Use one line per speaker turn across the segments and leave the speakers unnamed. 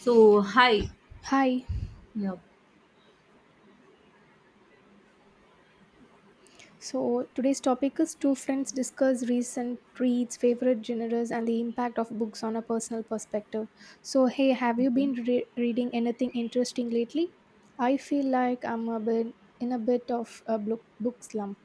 So, hi.
Hi.
Yeah.
So today's topic is two friends discuss recent reads, favorite genres, and the impact of books on a personal perspective. So hey, have you
Okay.
been reading anything interesting lately? I feel like I'm a bit in a bit of a book slump.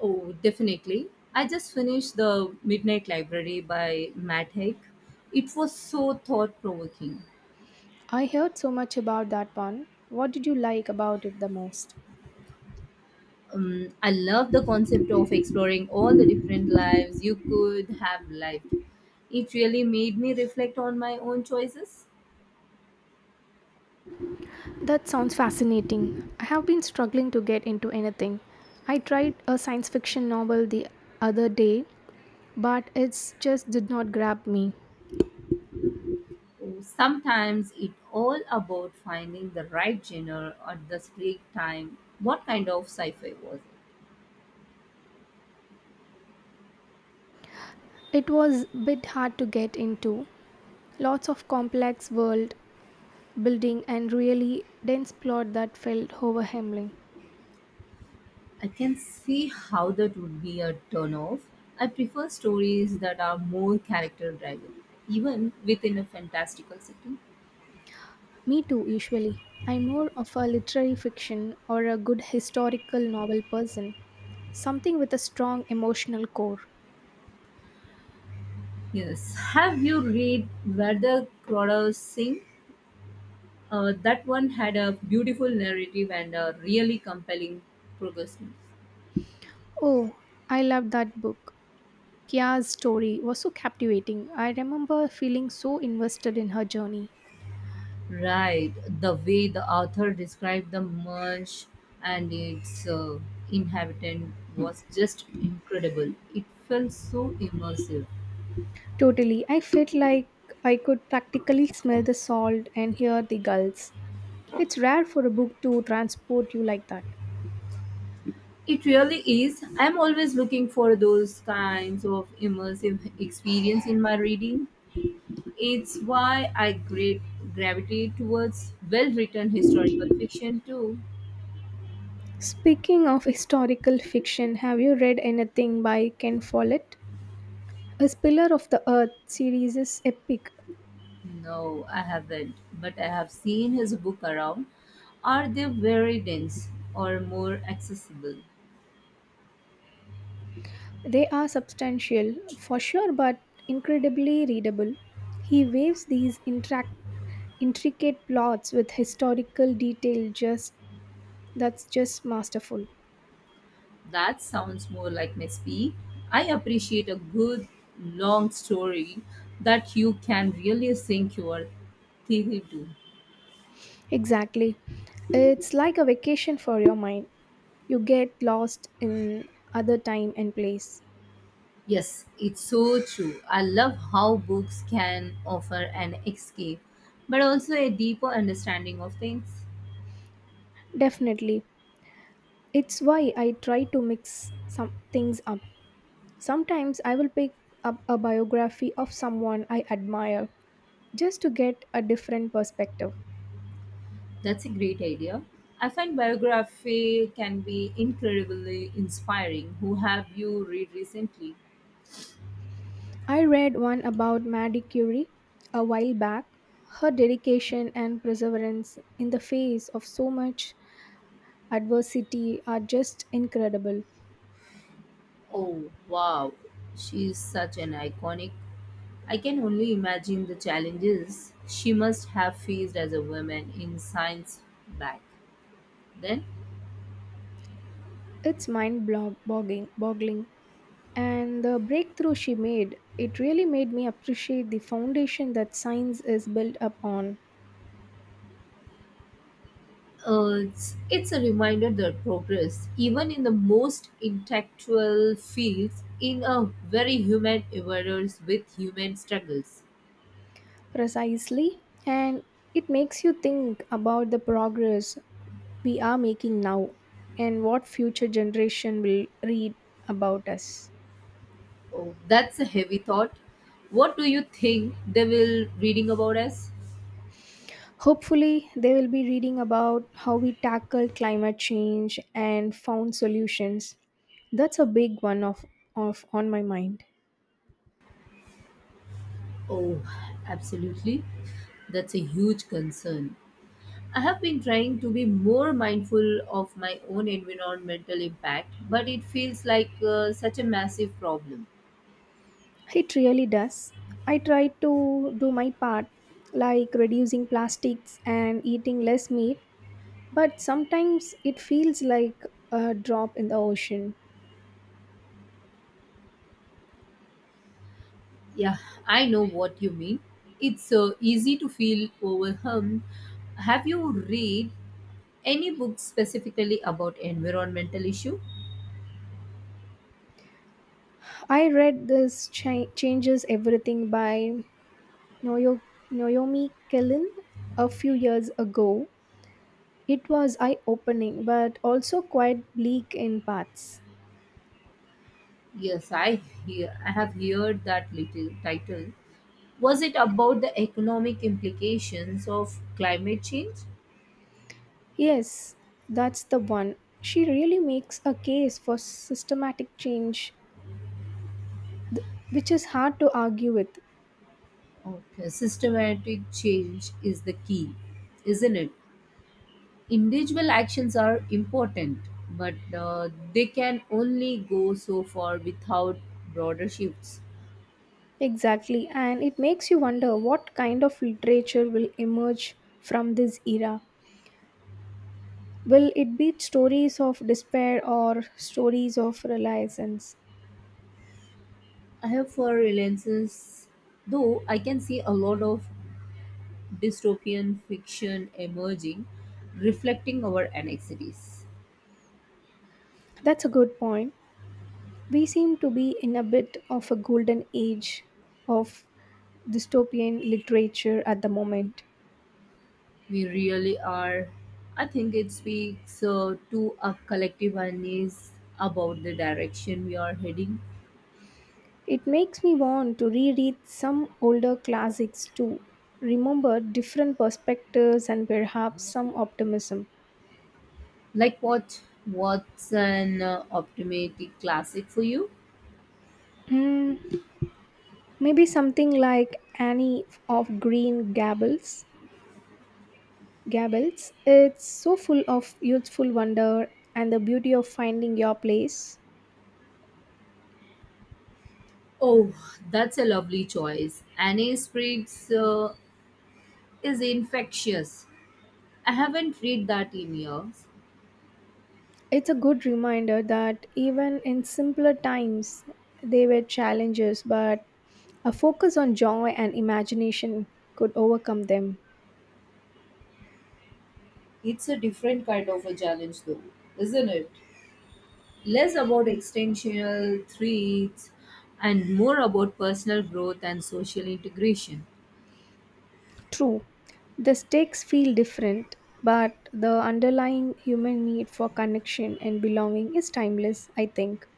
Oh, definitely. I just finished The Midnight Library by Matt Haig. It was so thought provoking.
I heard so much about that one. What did you like about it the most?
I love the concept of exploring all the different lives you could have lived. It really made me reflect on my own choices.
That sounds fascinating. I have been struggling to get into anything. I tried a science fiction novel the other day, but it just did not grab me.
Oh, sometimes it's all about finding the right genre at the right time. What kind of sci fi was it?
It was a bit hard to get into. Lots of complex world building and really dense plot that felt overwhelming.
I can see how that would be a turnoff. I prefer stories that are more character driven, even within a fantastical setting.
Me too, usually. I'm more of a literary fiction or a good historical novel person. Something with a strong emotional core.
Yes. Have you read Where the Crawdads Sing? That one had a beautiful narrative and a really compelling progression.
Oh, I loved that book. Kia's story was so captivating. I remember feeling so invested in her journey.
Right. The way the author described the marsh and its inhabitant was just incredible. It felt so immersive.
Totally. I felt like I could practically smell the salt and hear the gulls. It's rare for a book to transport you like that.
It really is. I'm always looking for those kinds of immersive experience in my reading. It's why I great gravitate towards well-written historical fiction too.
Speaking of historical fiction, have you read anything by Ken Follett? His Pillar of the Earth series is epic.
No, I haven't, but I have seen his book around. Are they very dense or more accessible?
They are substantial, for sure, but incredibly readable. He waves these interact intricate plots with historical detail just that's just masterful.
That sounds more like my speed. I appreciate a good long story that you can really sink your teeth into.
Exactly, it's like a vacation for your mind. You get lost in other time and place.
Yes, it's so true. I love how books can offer an escape, but also a deeper understanding of things.
Definitely. It's why I try to mix some things up. Sometimes I will pick up a biography of someone I admire just to get a different perspective.
That's a great idea. I find biography can be incredibly inspiring. Who have you read recently?
I read one about Marie Curie a while back. Her dedication and perseverance in the face of so much adversity are just incredible.
Oh, wow. She's such an iconic. I can only imagine the challenges she must have faced as a woman in science back then.
It's mind boggling, and the breakthrough she made it really made me appreciate the foundation that science is built upon.
It's a reminder that progress, even in the most intellectual fields, in a very human errors with human struggles.
Precisely, and it makes you think about the progress we are making now and what future generation will read about us.
Oh, that's a heavy thought. What do you think they will reading about us?
Hopefully they will be reading about how we tackled climate change and found solutions. That's a big one of on my mind.
Oh, absolutely. That's a huge concern. I have been trying to be more mindful of my own environmental impact, but it feels like such a massive problem.
It really does. I try to do my part, like reducing plastics and eating less meat, but sometimes it feels like a drop in the ocean.
Yeah, I know what you mean. It's easy to feel overwhelmed. Have you read any books specifically about environmental issue?
I read this changes everything by Noyo- Naomi Kellen a few years ago. It was eye opening, but also quite bleak in parts.
Yes, I hear. I have heard that little title. Was it about the economic implications of climate change?
Yes, that's the one. She really makes a case for systematic change which is hard to argue with.
Okay, systematic change is the key, isn't it? Individual actions are important, but they can only go so far without broader shifts.
Exactly, and it makes you wonder what kind of literature will emerge from this era. Will it be stories of despair or stories of renaissance?
I have for relentless, though I can see a lot of dystopian fiction emerging, reflecting our anxieties.
That's a good point. We seem to be in a bit of a golden age of dystopian literature at the moment.
We really are. I think it speaks to a collective unease about the direction we are heading.
It makes me want to reread some older classics to remember different perspectives and perhaps some optimism.
Like what? What's an optimistic classic for you?
Hmm, Maybe something like Annie of Green Gables. Gables. It's so full of youthful wonder and the beauty of finding your place.
Oh, that's a lovely choice. Annie Spriggs is infectious. I haven't read that in years.
It's a good reminder that even in simpler times, there were challenges, but a focus on joy and imagination could overcome them.
It's a different kind of a challenge, though, isn't it? Less about extensional threats and more about personal growth and social integration.
True, the stakes feel different, but the underlying human need for connection and belonging is timeless, I think.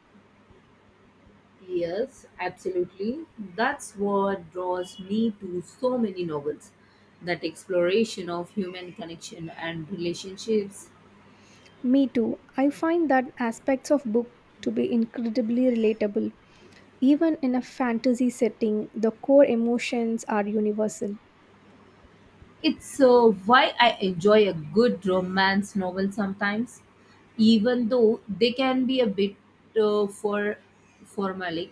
Yes, absolutely. That's what draws me to so many novels, that exploration of human connection and relationships.
Me too. I find that aspects of book to be incredibly relatable. Even in a fantasy setting, the core emotions are universal.
It's why I enjoy a good romance novel sometimes, even though they can be a bit uh, for formalic.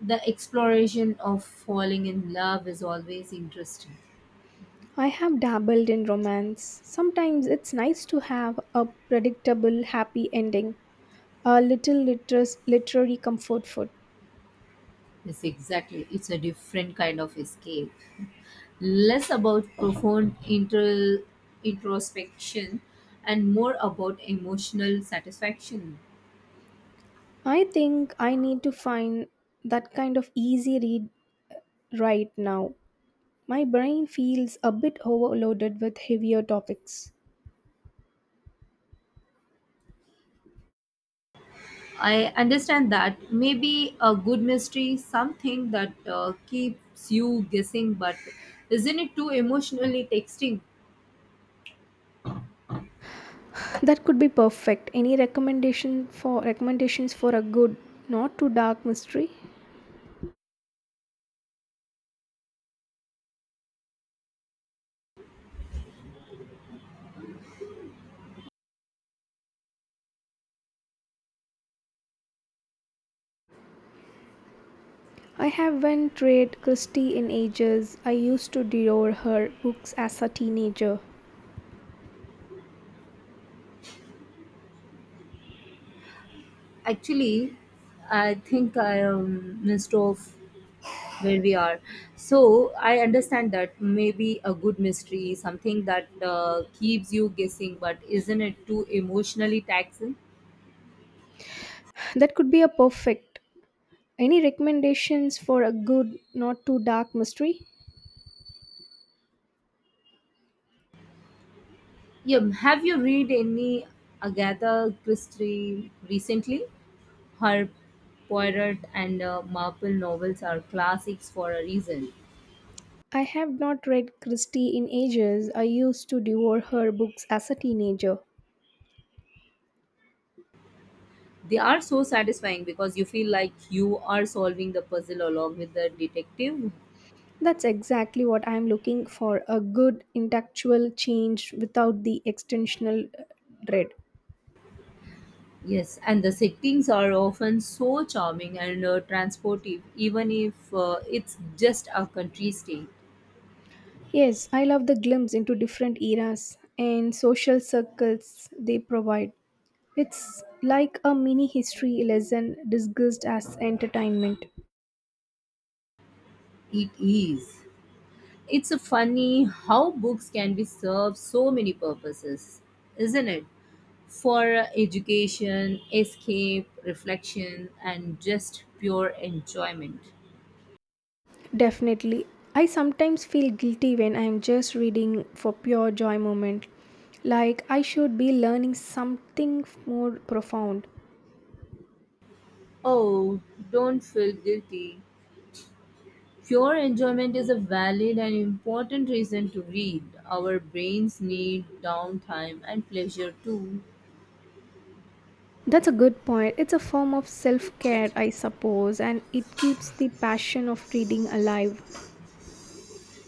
The exploration of falling in love is always interesting.
I have dabbled in romance. Sometimes it's nice to have a predictable happy ending, a little literary comfort food.
Yes, exactly. It's a different kind of escape, less about profound introspection and more about emotional satisfaction.
I think I need to find that kind of easy read right now. My brain feels a bit overloaded with heavier topics.
I understand that maybe a good mystery, something that keeps you guessing, but isn't it too emotionally texting?
That could be perfect. Any recommendation for recommendations for a good, not too dark mystery? I haven't read Christie in ages. I used to devour her books as a teenager.
Actually, I think I am missed off where we are. So I understand that maybe a good mystery, something that keeps you guessing, but isn't it too emotionally taxing?
That could be a perfect. Any recommendations for a good, not too dark mystery?
Yeah, have you read any Agatha Christie recently? Her Poirot and Marple novels are classics for a reason.
I have not read Christie in ages. I used to devour her books as a teenager.
They are so satisfying because you feel like you are solving the puzzle along with the detective.
That's exactly what I'm looking for, a good intellectual change without the extensional dread.
Yes, and the settings are often so charming and transportive, even if it's just a country state.
Yes, I love the glimpse into different eras and social circles they provide. It's like a mini history lesson disguised as entertainment.
It is. It's funny how books can be served so many purposes, isn't it? For education, escape, reflection, and just pure enjoyment.
Definitely. I sometimes feel guilty when I'm just reading for pure joy moment. Like I should be learning something more profound.
Oh, don't feel guilty. Pure enjoyment is a valid and important reason to read. Our brains need downtime and pleasure too.
That's a good point. It's a form of self care, I suppose, and it keeps the passion of reading alive.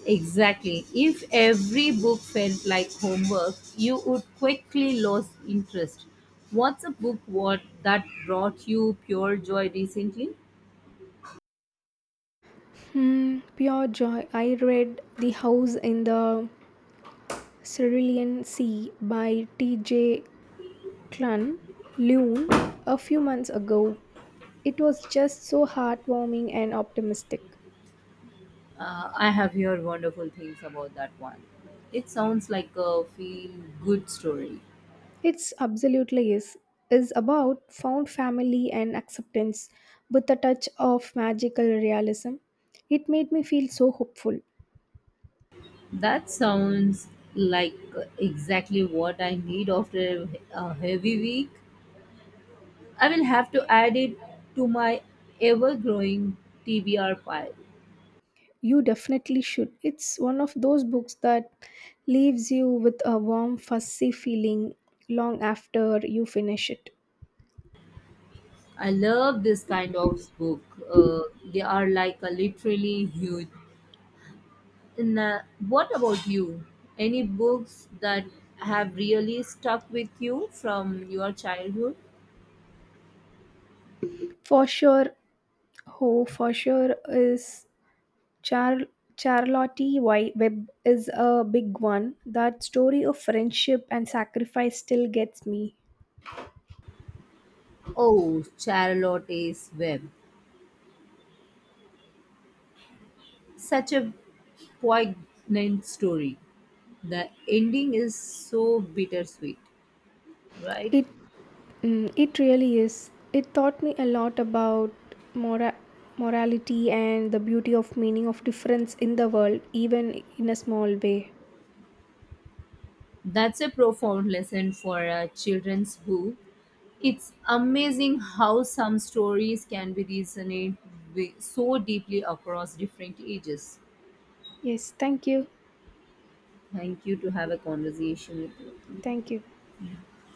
Exactly. If every book felt like homework, you would quickly lose interest. What's a book what that brought you pure joy recently?
Pure joy. I read The House in the Cerulean Sea by T.J. Klun Lune a few months ago. It was just so heartwarming and optimistic.
I have heard wonderful things about that one. It sounds like a feel good story.
It's absolutely is about found family and acceptance with a touch of magical realism. It made me feel so hopeful.
That sounds like exactly what I need after a heavy week. I will have to add it to my ever growing TBR pile.
You definitely should. It's one of those books that leaves you with a warm, fuzzy feeling long after you finish it.
I love this kind of book. Uh, they are like a literally huge. And, what about you? Any books that have really stuck with you from your childhood?
For sure, oh, for sure is Char- Charlotte Webb is a big one. That story of friendship and sacrifice still gets me.
Oh, Charlotte's Web. Such a poignant story. The ending is so bittersweet, right?
It it really is. It taught me a lot about mora- morality and the beauty of meaning of difference in the world, even in a small way.
That's a profound lesson for a children's book. It's amazing how some stories can be resonate so deeply across different ages.
Yes, thank you.
Thank you to have a conversation with
Thank you.
you.